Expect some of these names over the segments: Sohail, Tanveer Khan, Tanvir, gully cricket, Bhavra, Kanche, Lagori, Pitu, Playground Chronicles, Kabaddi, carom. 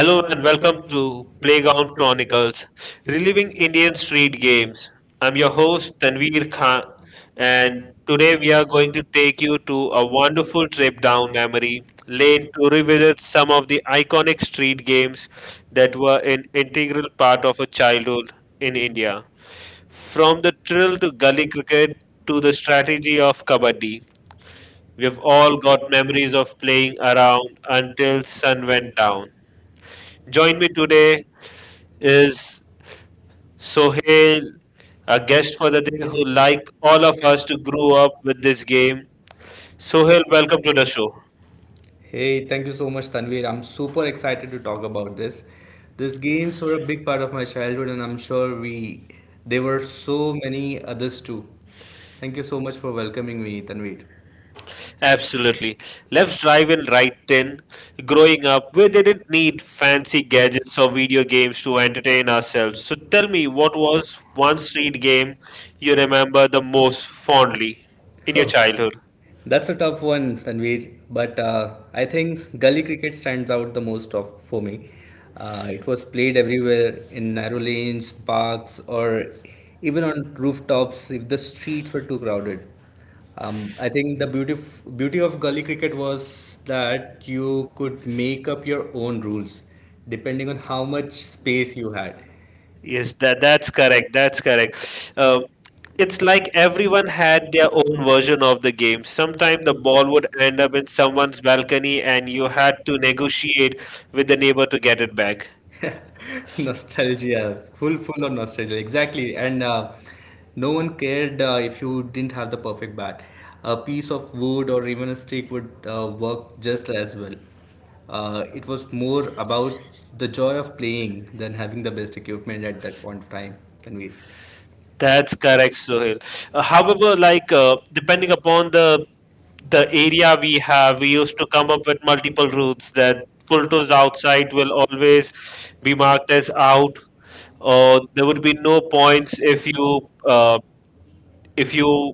Hello and welcome to Playground Chronicles, reliving Indian street games. I'm your host Tanveer Khan, and today we are going to take you to a wonderful trip down memory lane to revisit some of the iconic street games that were an integral part of a childhood in India. From the thrill to gully cricket to the strategy of kabaddi, we've all got memories of playing around until sun went down. Join me today is Sohail, our guest for the day, who, like all of us, to grow up with this game. Sohail, welcome to the show. Hey, thank you so much, Tanvir. I'm super excited to talk about this. These games were a big part of my childhood, and I'm sure we there were so many others too. Thank you so much for welcoming me, Tanvir. Absolutely. Let's drive in right in. Growing up, we didn't need fancy gadgets or video games to entertain ourselves. So tell me, what was one street game you remember the most fondly in your childhood? That's a tough one, Tanveer. But I think gully cricket stands out the most of for me. It was played everywhere in narrow lanes, parks, or even on rooftops if the streets were too crowded. I think the beauty of gully cricket was that you could make up your own rules depending on how much space you had. Yes, that's correct. That's correct. It's like everyone had their own version of the game. Sometimes the ball would end up in someone's balcony, and you had to negotiate with the neighbor to get it back. Nostalgia, full of nostalgia, exactly. And no one cared if you didn't have the perfect bat. A piece of wood or even a stick would work just as well. It was more about the joy of playing than having the best equipment at that point of time. Can we? That's correct, Sohail. However, depending upon the area we have, we used to come up with multiple routes that Pulto's outside will always be marked as out, or there would be no points if you uh, if you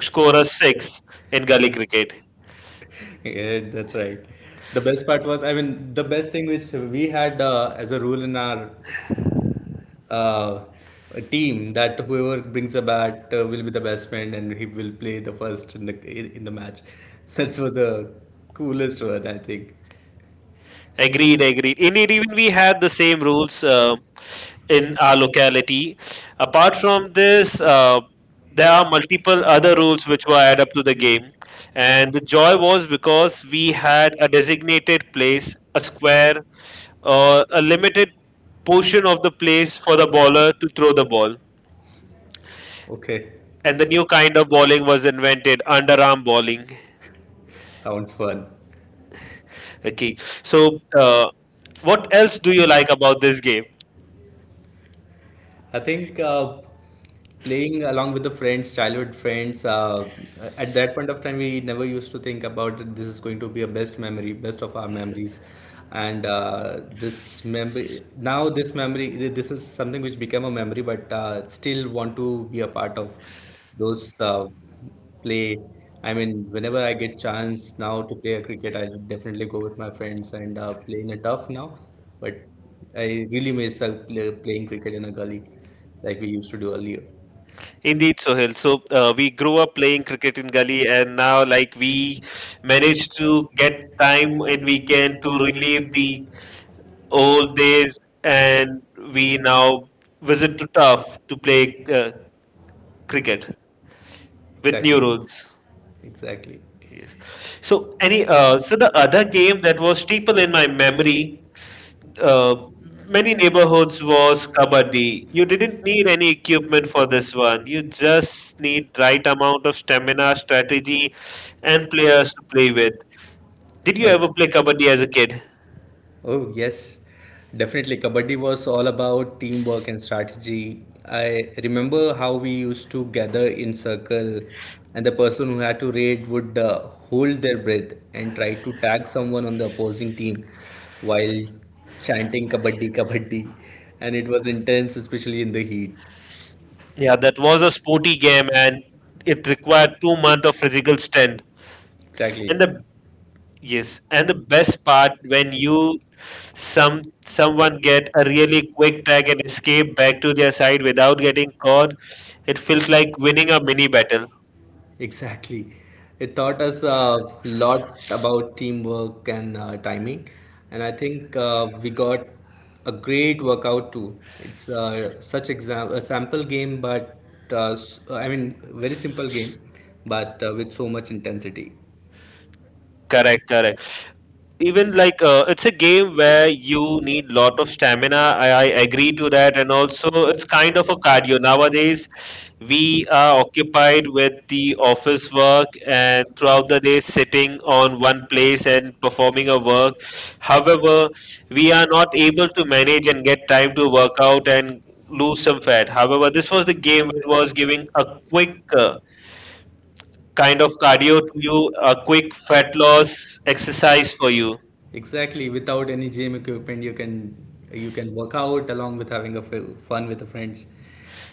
score a six in gully cricket. Yeah, that's right. The best part was, I mean, the best thing which we had as a rule in our uh, a team that whoever brings a bat will be the best man and he will play the first in the match. That's was the coolest one, I think. Agreed, agreed. Indeed, even we had the same rules in our locality. Apart from this, there are multiple other rules which were added up to the game, and the joy was because we had a designated place, a square, or a limited portion of the place for the bowler to throw the ball. Okay, And the new kind of bowling was invented, underarm bowling. sounds fun. Okay. So, what else do you like about this game? I think playing along with the friends, childhood friends, at that point of time, we never used to think about that this is going to be a best memory, best of our memories. And now this memory, this is something which became a memory, but still want to be a part of those play. I mean, whenever I get chance now to play a cricket, I definitely go with my friends and play in a turf now. But I really miss playing cricket in a gully like we used to do earlier. Indeed, Sohail. So, we grew up playing cricket in gully, and now, like, we managed to get time in weekend to relive the old days, and we now visit to Tough to play cricket with new Exactly. rules. Exactly. Yes. So, any so the other game that was staple in my memory uh, many neighborhoods was kabaddi. You didn't need any equipment for this one. You just need right amount of stamina, strategy, and players to play with. Did you ever play Okay. kabaddi as a kid? Oh, yes, definitely. Kabaddi was all about teamwork and strategy. I remember how we used to gather in circle, and the person who had to raid would hold their breath and try to tag someone on the opposing team while chanting Kabaddi, Kabaddi. And it was intense, especially in the heat. Yeah, that was a sporty game, and it required 2 months of physical strength. Exactly. And the yes, and the best part when you someone get a really quick tag and escape back to their side without getting caught, it felt like winning a mini battle. Exactly. It taught us a lot about teamwork and timing. And I think we got a great workout too. It's such exam a sample game, but s- I mean, very simple game, but with so much intensity. Correct, correct. Even like it's a game where you need lot of stamina. I agree to that, and also it's kind of a cardio. Nowadays, we are occupied with the office work and throughout the day sitting on one place and performing a work. However, we are not able to manage and get time to work out and lose some fat. However, this was the game that was giving a quick. Kind of cardio to you, a quick fat loss exercise for you. Exactly. Without any gym equipment, you can work out along with having fun with the friends.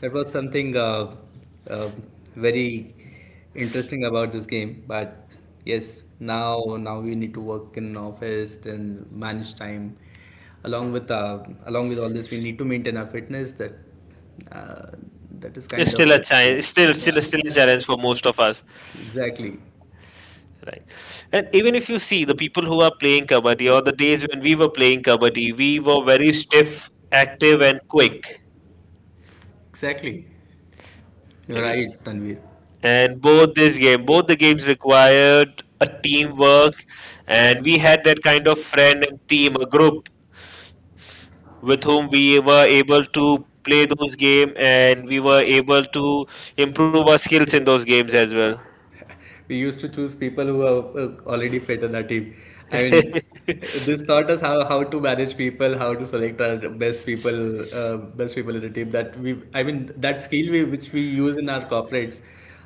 That was something uh, very interesting about this game. But yes, now we need to work in office and manage time. Along with all this, we need to maintain our fitness. Uh, that is kind It's of still a challenge, yeah. Still a challenge for most of us, Exactly. right? And even if you see the people who are playing kabaddi, or the days when we were playing kabaddi, we were very stiff, active, and quick. Exactly. You're Okay, right, Tanvir. and both this game, both the games required a teamwork, and we had that kind of friend and team, a group with whom we were able to play those games and we were able to improve our skills in those games as well. we used to choose people who are already fit in our team. I mean, this taught us how to manage people, how to select our best people, best people in the team. I mean, that skill we, which we use in our corporates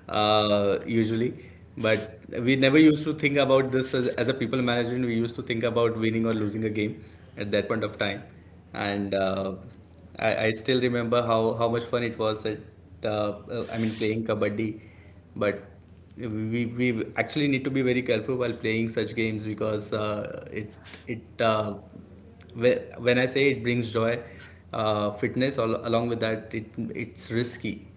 usually, but we never used to think about this as a people management. We used to think about winning or losing a game at that point of time, and I still remember how much fun it was at I mean playing kabaddi but we actually need to be very careful while playing such games because it uh, when I say it brings joy, fitness along with that it's risky.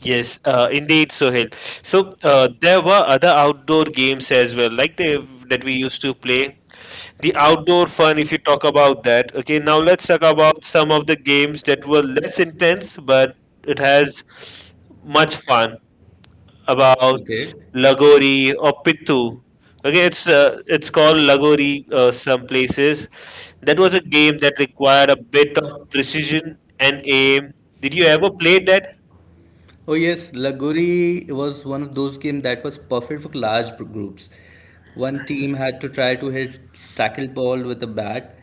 Yes, indeed, Sohail. So there were other outdoor games as well, like the that we used to play. The outdoor fun, if you talk about that. Okay, now let's talk about some of the games that were less intense, but it has much fun. About Lagori or Pitu. Okay, it's called Lagori some places. That was a game that required a bit of precision and aim. Did you ever play that? Oh yes, Lagori was one of those games that was perfect for large groups. One team had to try to hit stackled ball with a bat,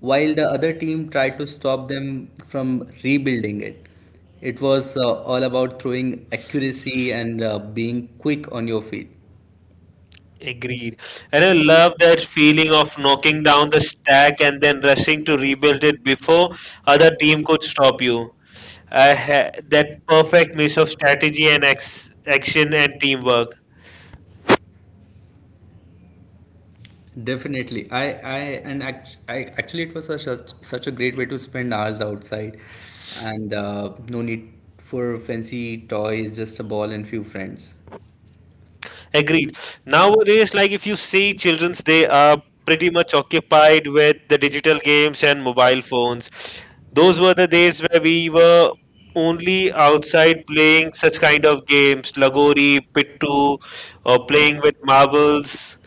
while the other team tried to stop them from rebuilding it. It was all about throwing accuracy and being quick on your feet. Agreed. And I love that feeling of knocking down the stack and then rushing to rebuild it before other team could stop you. That perfect mix of strategy and action and teamwork. Definitely, I and act, I, actually it was such a, such a great way to spend hours outside, and no need for fancy toys, just a ball and few friends. Agreed. Nowadays, like if you see childrens, they are pretty much occupied with the digital games and mobile phones. Those were the days where we were only outside playing such kind of games, Lagori, Pittu, or playing with marbles,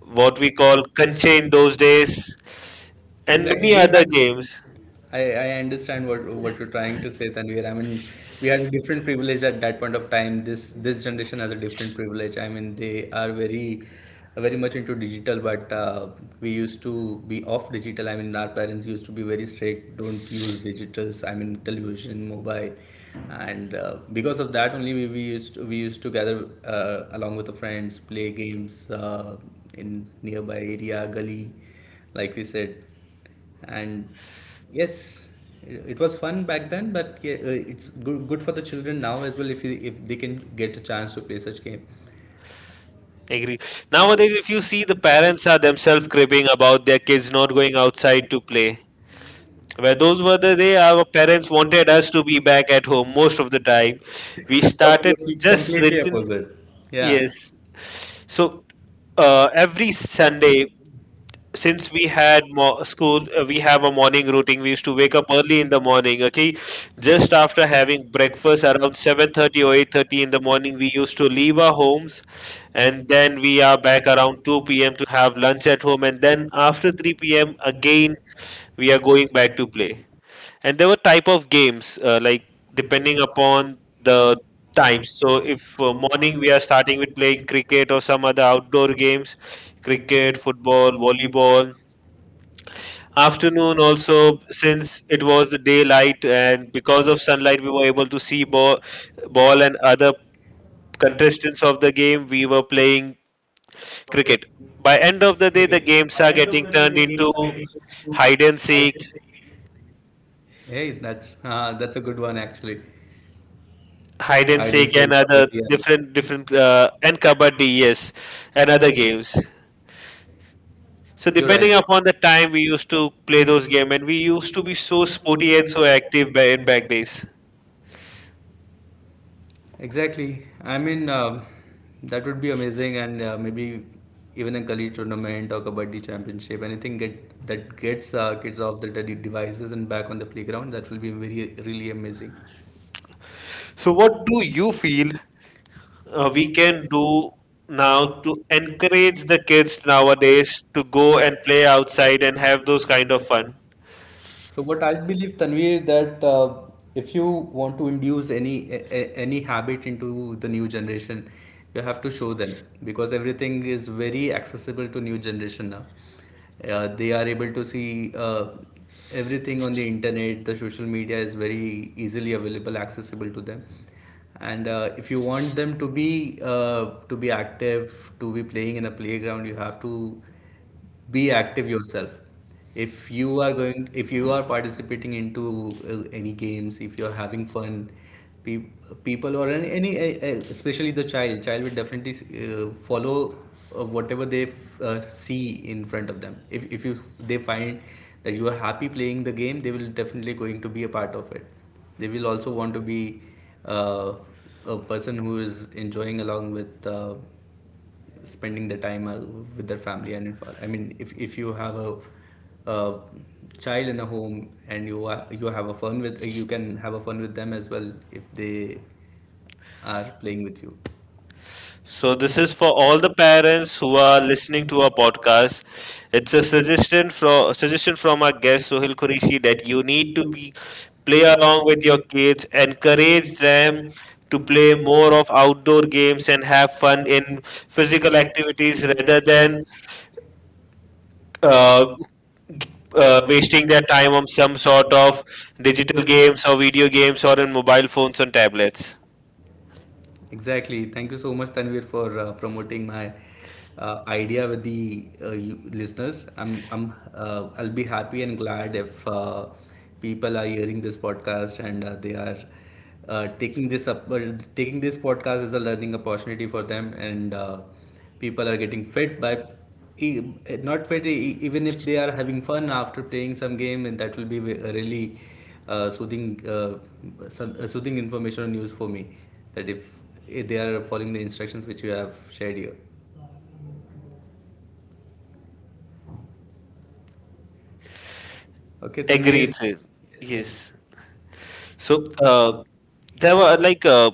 what we call Kanche in those days, and Exactly. many We other had Indian games. I understand what you're trying to say, Tanvir. I mean, we had a different privilege at that point of time. This generation has a different privilege. I mean, they are very much into digital, but we used to be off digital. I mean, our parents used to be very strict. Don't use digitals. I mean, television, mobile, and because of that only we used to gather along with the friends, play games in nearby area, gully, like we said and yes it was fun back then but yeah, it's good for the children now as well if you, if they can get a chance to play such game Agree. Nowadays, if you see, the parents are themselves cribbing about their kids not going outside to play. Where those were the day our things parents wanted us to be back at home most of the time. We started completely just completely written, opposite yeah yes. So every Sunday, since we had school, we have a morning routine. We used to wake up early in the morning. Okay, just after having breakfast around 7:30 or 8:30 in the morning, we used to leave our homes, and then we are back around 2 p.m. to have lunch at home, and then after 3 p.m. again we are going back to play. And there were type of games like depending upon the times. So if morning we are starting with playing cricket or some other outdoor games, cricket, football, volleyball. Afternoon also, since it was the daylight and because of sunlight we were able to see ball and other contestants of the game we were playing cricket. By end of the day the games are getting turned into hide and seek. hey that's that's a good one actually Hide hide and and seek and seek, other kabaddi, different and different and kabaddi, yes, and other games. So you're depending right. upon the time we used to play those game and we used to be so sporty and so active in back days. Exactly. I mean, that would be amazing, and maybe even a gully tournament or kabaddi championship, anything get that gets kids off the devices and back on the playground. That will be very really amazing. Feel we can do now to encourage the kids nowadays to go and play outside and have those kind of fun. So what I believe, Tanvir, that if you want to induce any habit into the new generation, you have to show them because everything is very accessible to new generation now. They are able to see everything on the internet. The social media is very easily available, accessible to them. And if you want them to be active, to be playing in a playground, you have to be active yourself if you are going if you are participating into any games if you're having fun pe- people or any especially the child will definitely follow whatever they see in front of them if you they find that you are happy playing the game they will definitely going to be a part of it they will also want to be uh, a person who is enjoying along with spending the time with their family and if, I mean if you have a child in a home and you are, you have a fun with you can have a fun with them as well if they are playing with you. So, this is for all the parents who are listening to our podcast. It's a suggestion from our guest Sohil Qureshi that you need to be play along with your kids, encourage them to play more of outdoor games and have fun in physical activities rather than uh, wasting their time on some sort of digital games or video games or in mobile phones and tablets. Exactly. Thank you so much, Tanvir, for promoting my idea with the you listeners. I'll be happy and glad if people are hearing this podcast and they are uh, taking this up, uh, taking this podcast as a learning opportunity for them, and people are getting fit by not very even if they are having fun after playing some game and that will be a really soothing soothing information or news for me that if they are following the instructions which you have shared here okay tanvir Agreed, Exactly. sir. yes Yes. So. There were,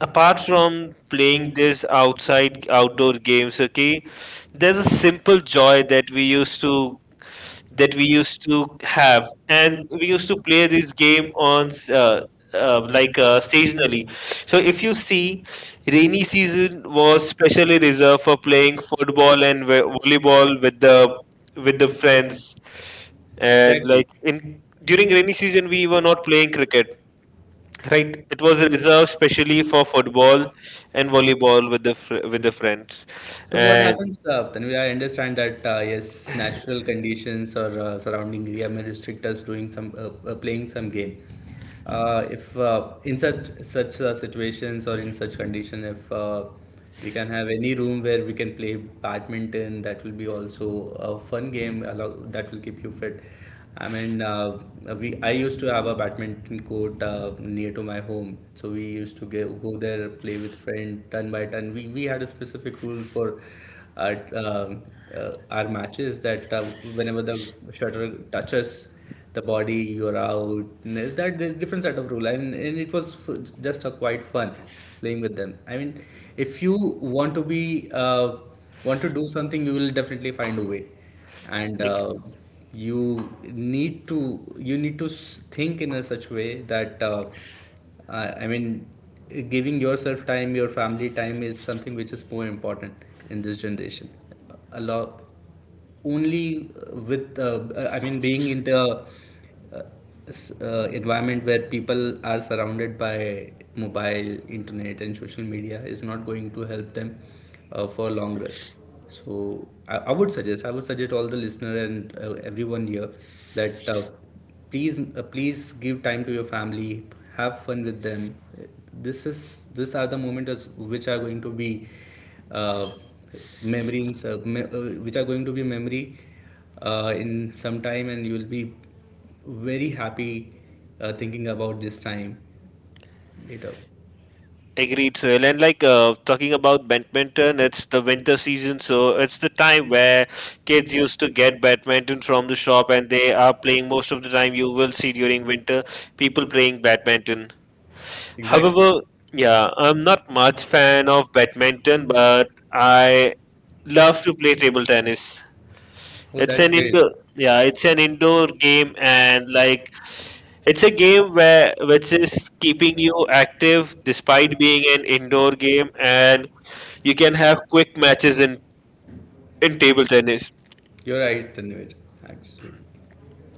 apart from playing this outside outdoor games, okay, there's a simple joy that we used to have, and we used to play this game on seasonally. So if you see, rainy season was specially reserved for playing football and volleyball with the friends. And like exactly in during season, rainy season we were not playing cricket. Right, it was reserved specially for football and volleyball with the friends, So what and happens, Tanvi, I understand that yes, natural conditions or surrounding area may restrict us doing some playing some game. If in such situations or in such condition, if we can have any room where we can play badminton, that will be also a fun game. That will keep you fit. I mean, we I used to have a badminton court near to my home, so we used to go there, play with friend, turn by turn. We had a specific rule for our uh, our matches that whenever the shutter touches the body, you're out. Different set of rule, and it was just a quite fun playing with them. I mean, if you want to be want to do something, you will definitely find a way and ag- uh, you need to think in a such way that I mean giving yourself time your family time is something which is more important in this generation a lot only with I mean being in the uh, environment where people are surrounded by mobile, internet, and social media is not going to help them for long run. So I would suggest all the listener and everyone here that please give time to your family, have fun with them. This is these are the moments which are going to be uh, memories uh, me- uh, which are going to be memory in some time and you will be very happy thinking about this time later. However, agreed. So, and like talking about badminton, it's the winter season, so it's the time where kids used to get badminton from the shop, and they are playing most of the time. You will see during winter people playing badminton. However, yeah, I'm not much fan of badminton, but I love to play table tennis. It's an indoor, yeah, it's an indoor game, and like it's a game where which is keeping you active despite being an indoor game, and you can have quick matches in table tennis. You're right, Tanvir, actually.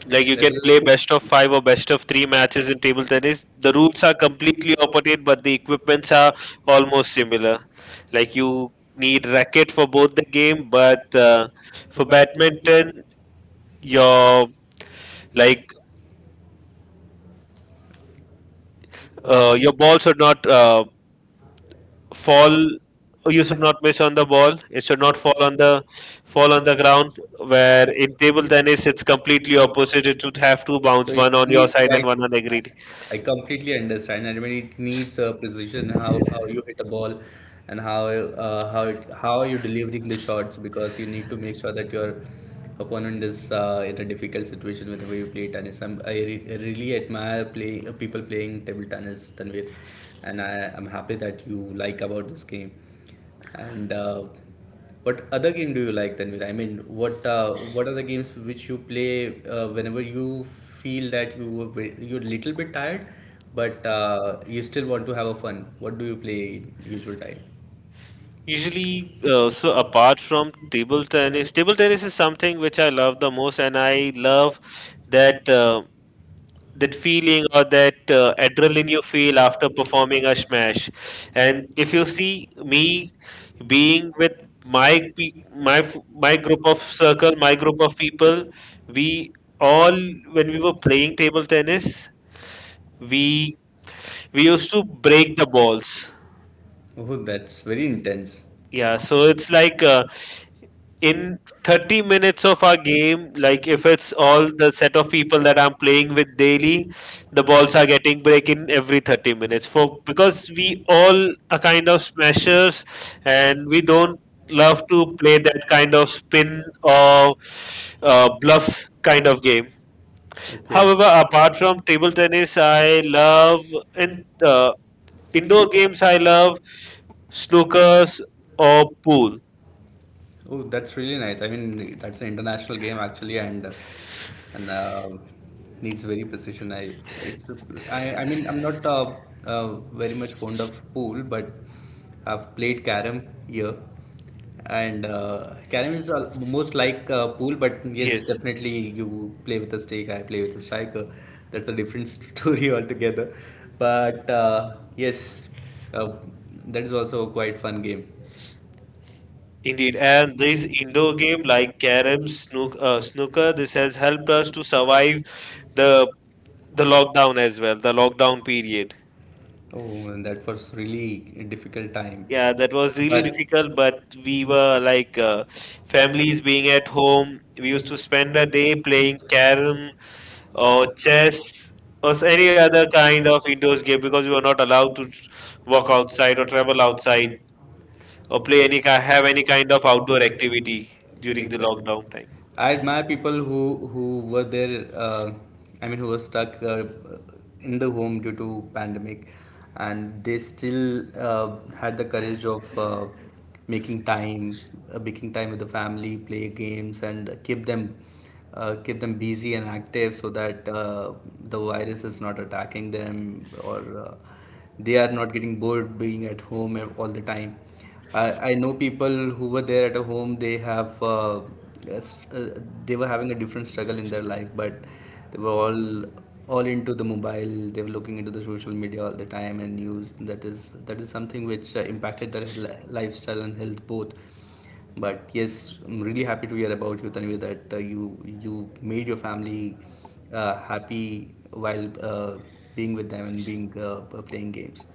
Like you can play best of five or best of three matches in table tennis. The rules are completely opposite, but the equipments are almost similar. Like you need racket for both the game, but for badminton, your like your ball should not fall. You should not miss on the ball. It should not fall on the ground. Where in table tennis, it's completely opposite. It should have two bounce, So it one on your needs side quite. and one on the green. I completely understand. And I mean, it needs a precision, how you hit a ball, and how you're delivering the shots, because you need to make sure that you're opponent is in a difficult situation whenever you play tennis. I really admire people playing table tennis, Tanvir, and I'm happy that you like about this game. And what other game do you like, Tanvir? I mean, what are the games which you play whenever you feel that you're a little bit tired, but you still want to have a fun? What do you play in usual time? Usually, so apart from table tennis is something which I love the most, and I love that. That feeling or that adrenaline you feel after performing a smash. And if you see me being with my group of circle, my group of people, we all when we were playing table tennis we we used to break the balls. Oh, that's very intense. Yeah, so it's like in 30 minutes of our game, like if it's all the set of people that I'm playing with daily, the balls are getting break in every 30 minutes for because we all are kind of smashers and we don't love to play that kind of spin or bluff kind of game. However, apart from table tennis, I love in uh, indoor games. I love snookers or pool. Oh, that's really nice. I mean, that's an international game actually, and and uh, needs very precision. I mean, I'm not uh, very much fond of pool, but I've played carom here, and carom is most like pool, but yes. Yes, Yes, definitely you play with a stake. I play with a striker. That's a different story altogether. But yes, uh, that is also a quite fun game. indeed. And these indoor game like carrom, snook, snooker, this has helped us to survive the the lockdown as well, the lockdown period. Oh, that was really a difficult time. Yeah, that was really difficult, but we were like families being at home. We used to spend a day playing carom or chess or any other kind of indoors game because we were not allowed to walk outside or travel outside or play have any kind of outdoor activity during the lockdown time. I admire people who were there. I mean, who were stuck in the home due to pandemic, and they still had the courage of making time, making time with the family, play games, and keep them busy and active so that the virus is not attacking them, or they are not getting bored being at home all the time. I know people who were there at a home, they have, yes, they were having a different struggle in their life, but they were all into the mobile. They were looking into the social media all the time, and news. That is something which impacted their lifestyle and health both. But yes, I'm really happy to hear about you, Tanvi, that you you made your family happy while being with them and being playing games.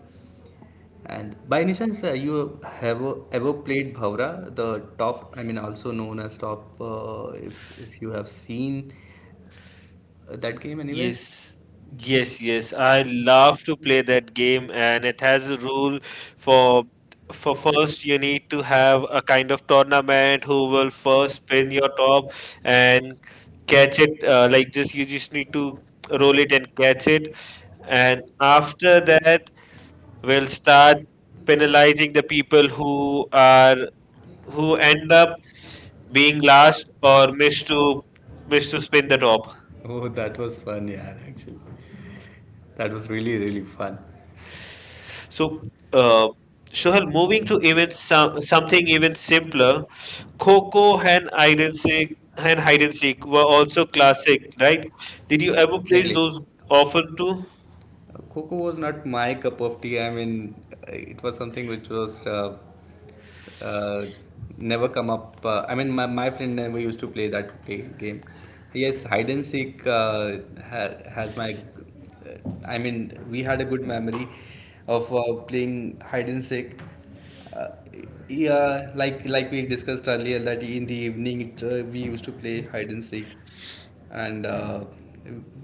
And by any chance, you have ever played Bhavra, the top? I mean, also known as top. If you have seen that game. Yes, yes, yes. I love to play that game, and it has a rule for for first you need to have a kind of tournament who will first spin your top and catch it like this. You just need to roll it and catch it, and after that we'll start penalizing the people who are who end up being last or miss to spin the top. Oh, that was fun, yeah, actually. That was really, really fun. So, uh, Sohail, moving to even something even simpler, Coco and hide and seek and hide and seek were also classic, right? Did you ever play those often too? Coco was not my cup of tea. I mean, it was something which was uh, never come up. I mean, my friend and we used to play that play game. Yes, hide and seek ha- has my. I mean, we had a good memory of playing hide and seek. Uh, uh, yeah, like we discussed earlier, that in the evening we used to play hide and seek, and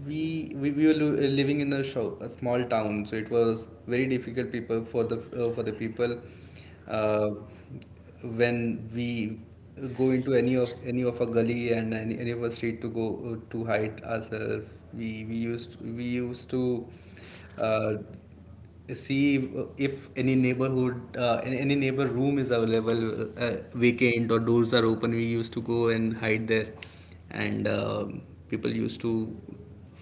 we were living in a, show, a small town, so it was very difficult people for the people uh, when we go into any of a gully, and any of a street to go to hide ourselves. We used to. Uh, See if any neighborhood any neighbor room is available, vacant, or doors are open, we used to go and hide there. And people used to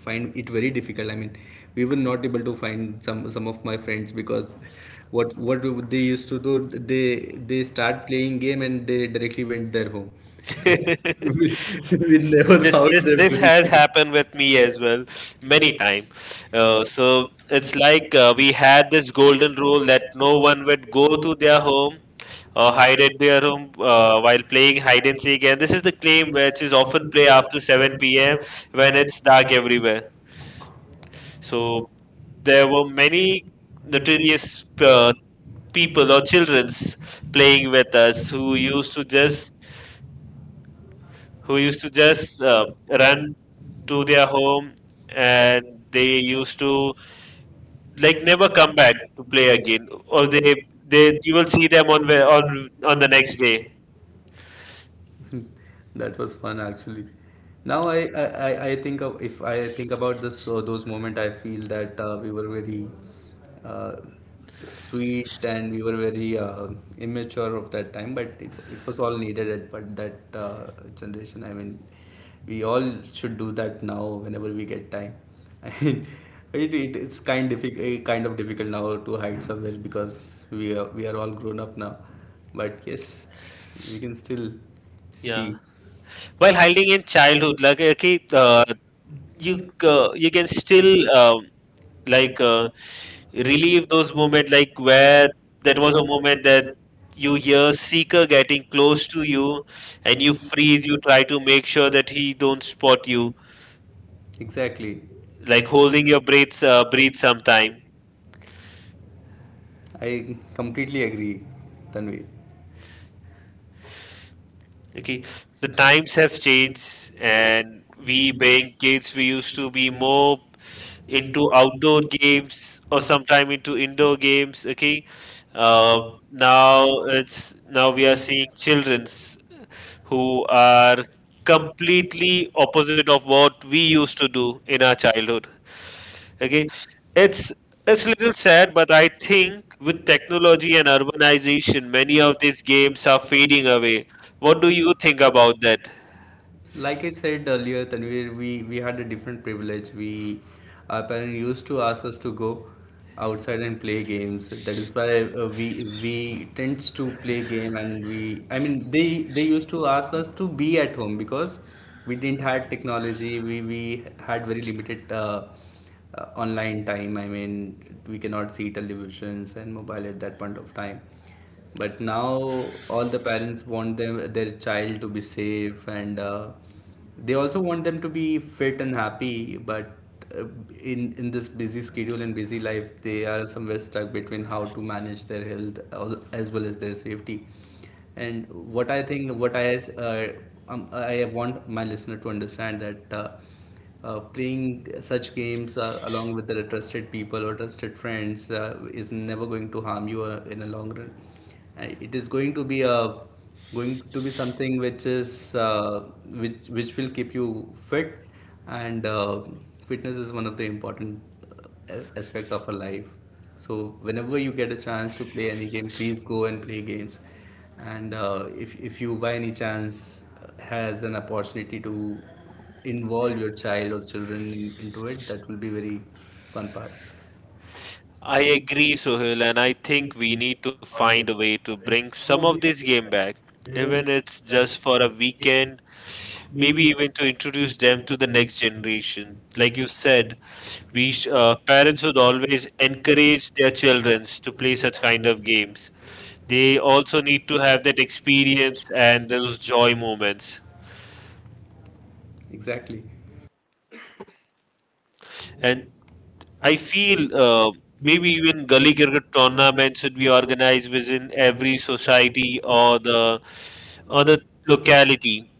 find it very difficult. I mean, we were not able to find some of my friends because what they used to do, they they start playing game and they directly went their home. And we, we never, Yes, this this found this has them. happened with me as well many time, so it's like we had this golden rule that no one would go to their home or hide at their home while playing hide and seek, and this is the claim which is often played after 7 p.m. when it's dark everywhere. So there were many notorious people or childrens playing with us who used to just run to their home, and they used to like never come back to play again, or they you will see them on on the next day. That was fun actually. Now I think of, if I think about this those moment, I feel that we were very uh, sweet, and we were very immature of that time, but it was all needed at but that generation. I mean, we all should do that now whenever we get time. I mean, it's kind of difficult now to hide somewhere because we are all grown up now, but yes, we can still, Yeah, see. Yeah, while hiding in childhood, like okay, you you can still, um, like, relieve those moments, like where that was a moment that you hear seeker getting close to you, and you freeze, you try to make sure that he don't spot you, Exactly. like holding your breath, breathe sometime. I completely agree, Tanvir. Okay, the times have changed, and we being kids we used to be more into outdoor games or sometime into indoor games. Okay, uh, now we are seeing children's who are completely opposite of what we used to do in our childhood. Okay, it's it's a little sad, but I think with technology and urbanization many of these games are fading away. What do you think about that? Like I said earlier, Tanvir, we had a different privilege. We our parents used to ask us to go outside and play games. That is why we tends to play game, and we I mean they used to ask us to be at home because we didn't had technology. We had very limited online time. I mean, we cannot see televisions and mobile at that point of time. But now all the parents want them their child to be safe, and they also want them to be fit and happy. But uh, in this busy schedule and busy life, they are somewhere stuck between how to manage their health as well as their safety. And what I think what I uh, I want my listener to understand that playing such games along with the trusted people or trusted friends is never going to harm you in a long run. It is going to be something which is which will keep you fit, and fitness is one of the important aspect of our life. So whenever you get a chance to play any game, please go and play games. And if you by any chance has an opportunity to involve your child or children into it, that will be very fun part. I agree, Sohail, and I think we need to find a way to bring some of this game back, even it's just for a weekend, maybe even to introduce them to the next generation. Like you said, parents would always encourage their children to play such kind of games. They also need to have that experience and those joy moments. Exactly. And I feel, maybe even gully cricket tournament should be organized within every society or the locality,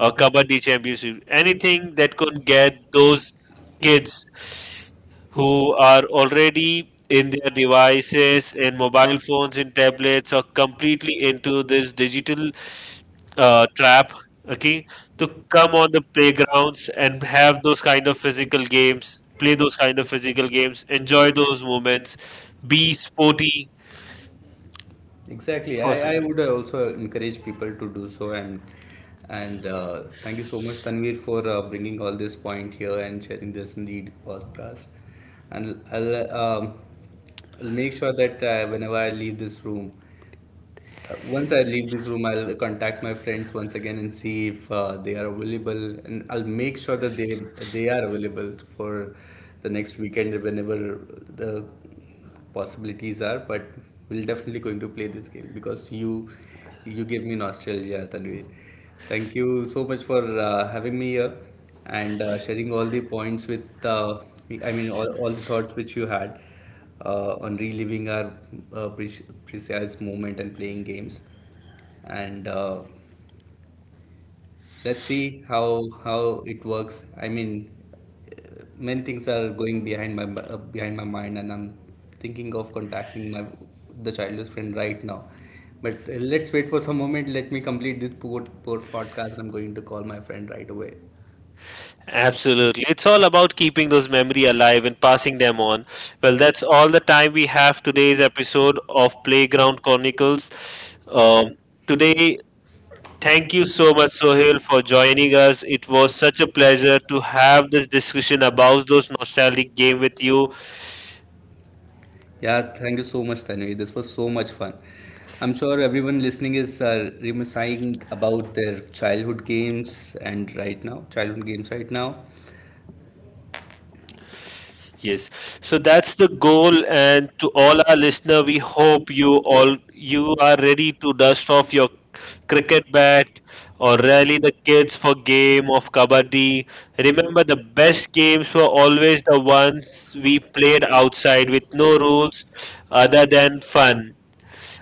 or kabaddi championship. Anything that could get those kids who are already in their devices, in mobile phones, in tablets, or completely into this digital trap, okay, to come on the playgrounds and have those kind of physical games, play those kind of physical games, enjoy those moments, be sporty Exactly. Uh, or I, I something. would also encourage people to do so. And thank you so much, Tanvir, for bringing all this point here and sharing this in the podcast. And I'll make sure that whenever I leave this room, Once I leave this room, I'll contact my friends once again and see if they are available, and I'll make sure that they are available for the next weekend whenever the possibilities are. But we're definitely going to play this game, because you gave me nostalgia, Tanvir. Thank you so much for having me here, and sharing all the points with I mean all the thoughts which you had on reliving our precise moment and playing games. And let's see how it works. I mean, many things are going behind my mind, and I'm thinking of contacting my the childhood friend right now. But let's wait for some moment. Let me complete this podcast. I'm going to call my friend right away. Absolutely. It's all about keeping those memory alive and passing them on. Well, that's all the time we have today's episode of Playground Chronicles. Um, today thank you so much, Sohail, for joining us. It was such a pleasure to have this discussion about those nostalgic game with you. Yeah, thank you so much, Tanvi. This was so much fun. I'm sure everyone listening is reminiscing about their childhood games and right now, childhood games right now. Yes, so that's the goal. And to all our listener, we hope you are ready to dust off your cricket bat or rally the kids for game of kabaddi. Remember, the best games were always the ones we played outside with no rules other than fun.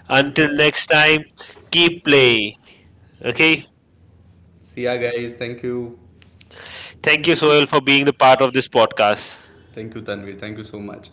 Until next time, keep playing. Okay. See ya, guys. Thank you. Thank you, Soil, for being the part of this podcast. Thank you, Tanvi. Thank you so much.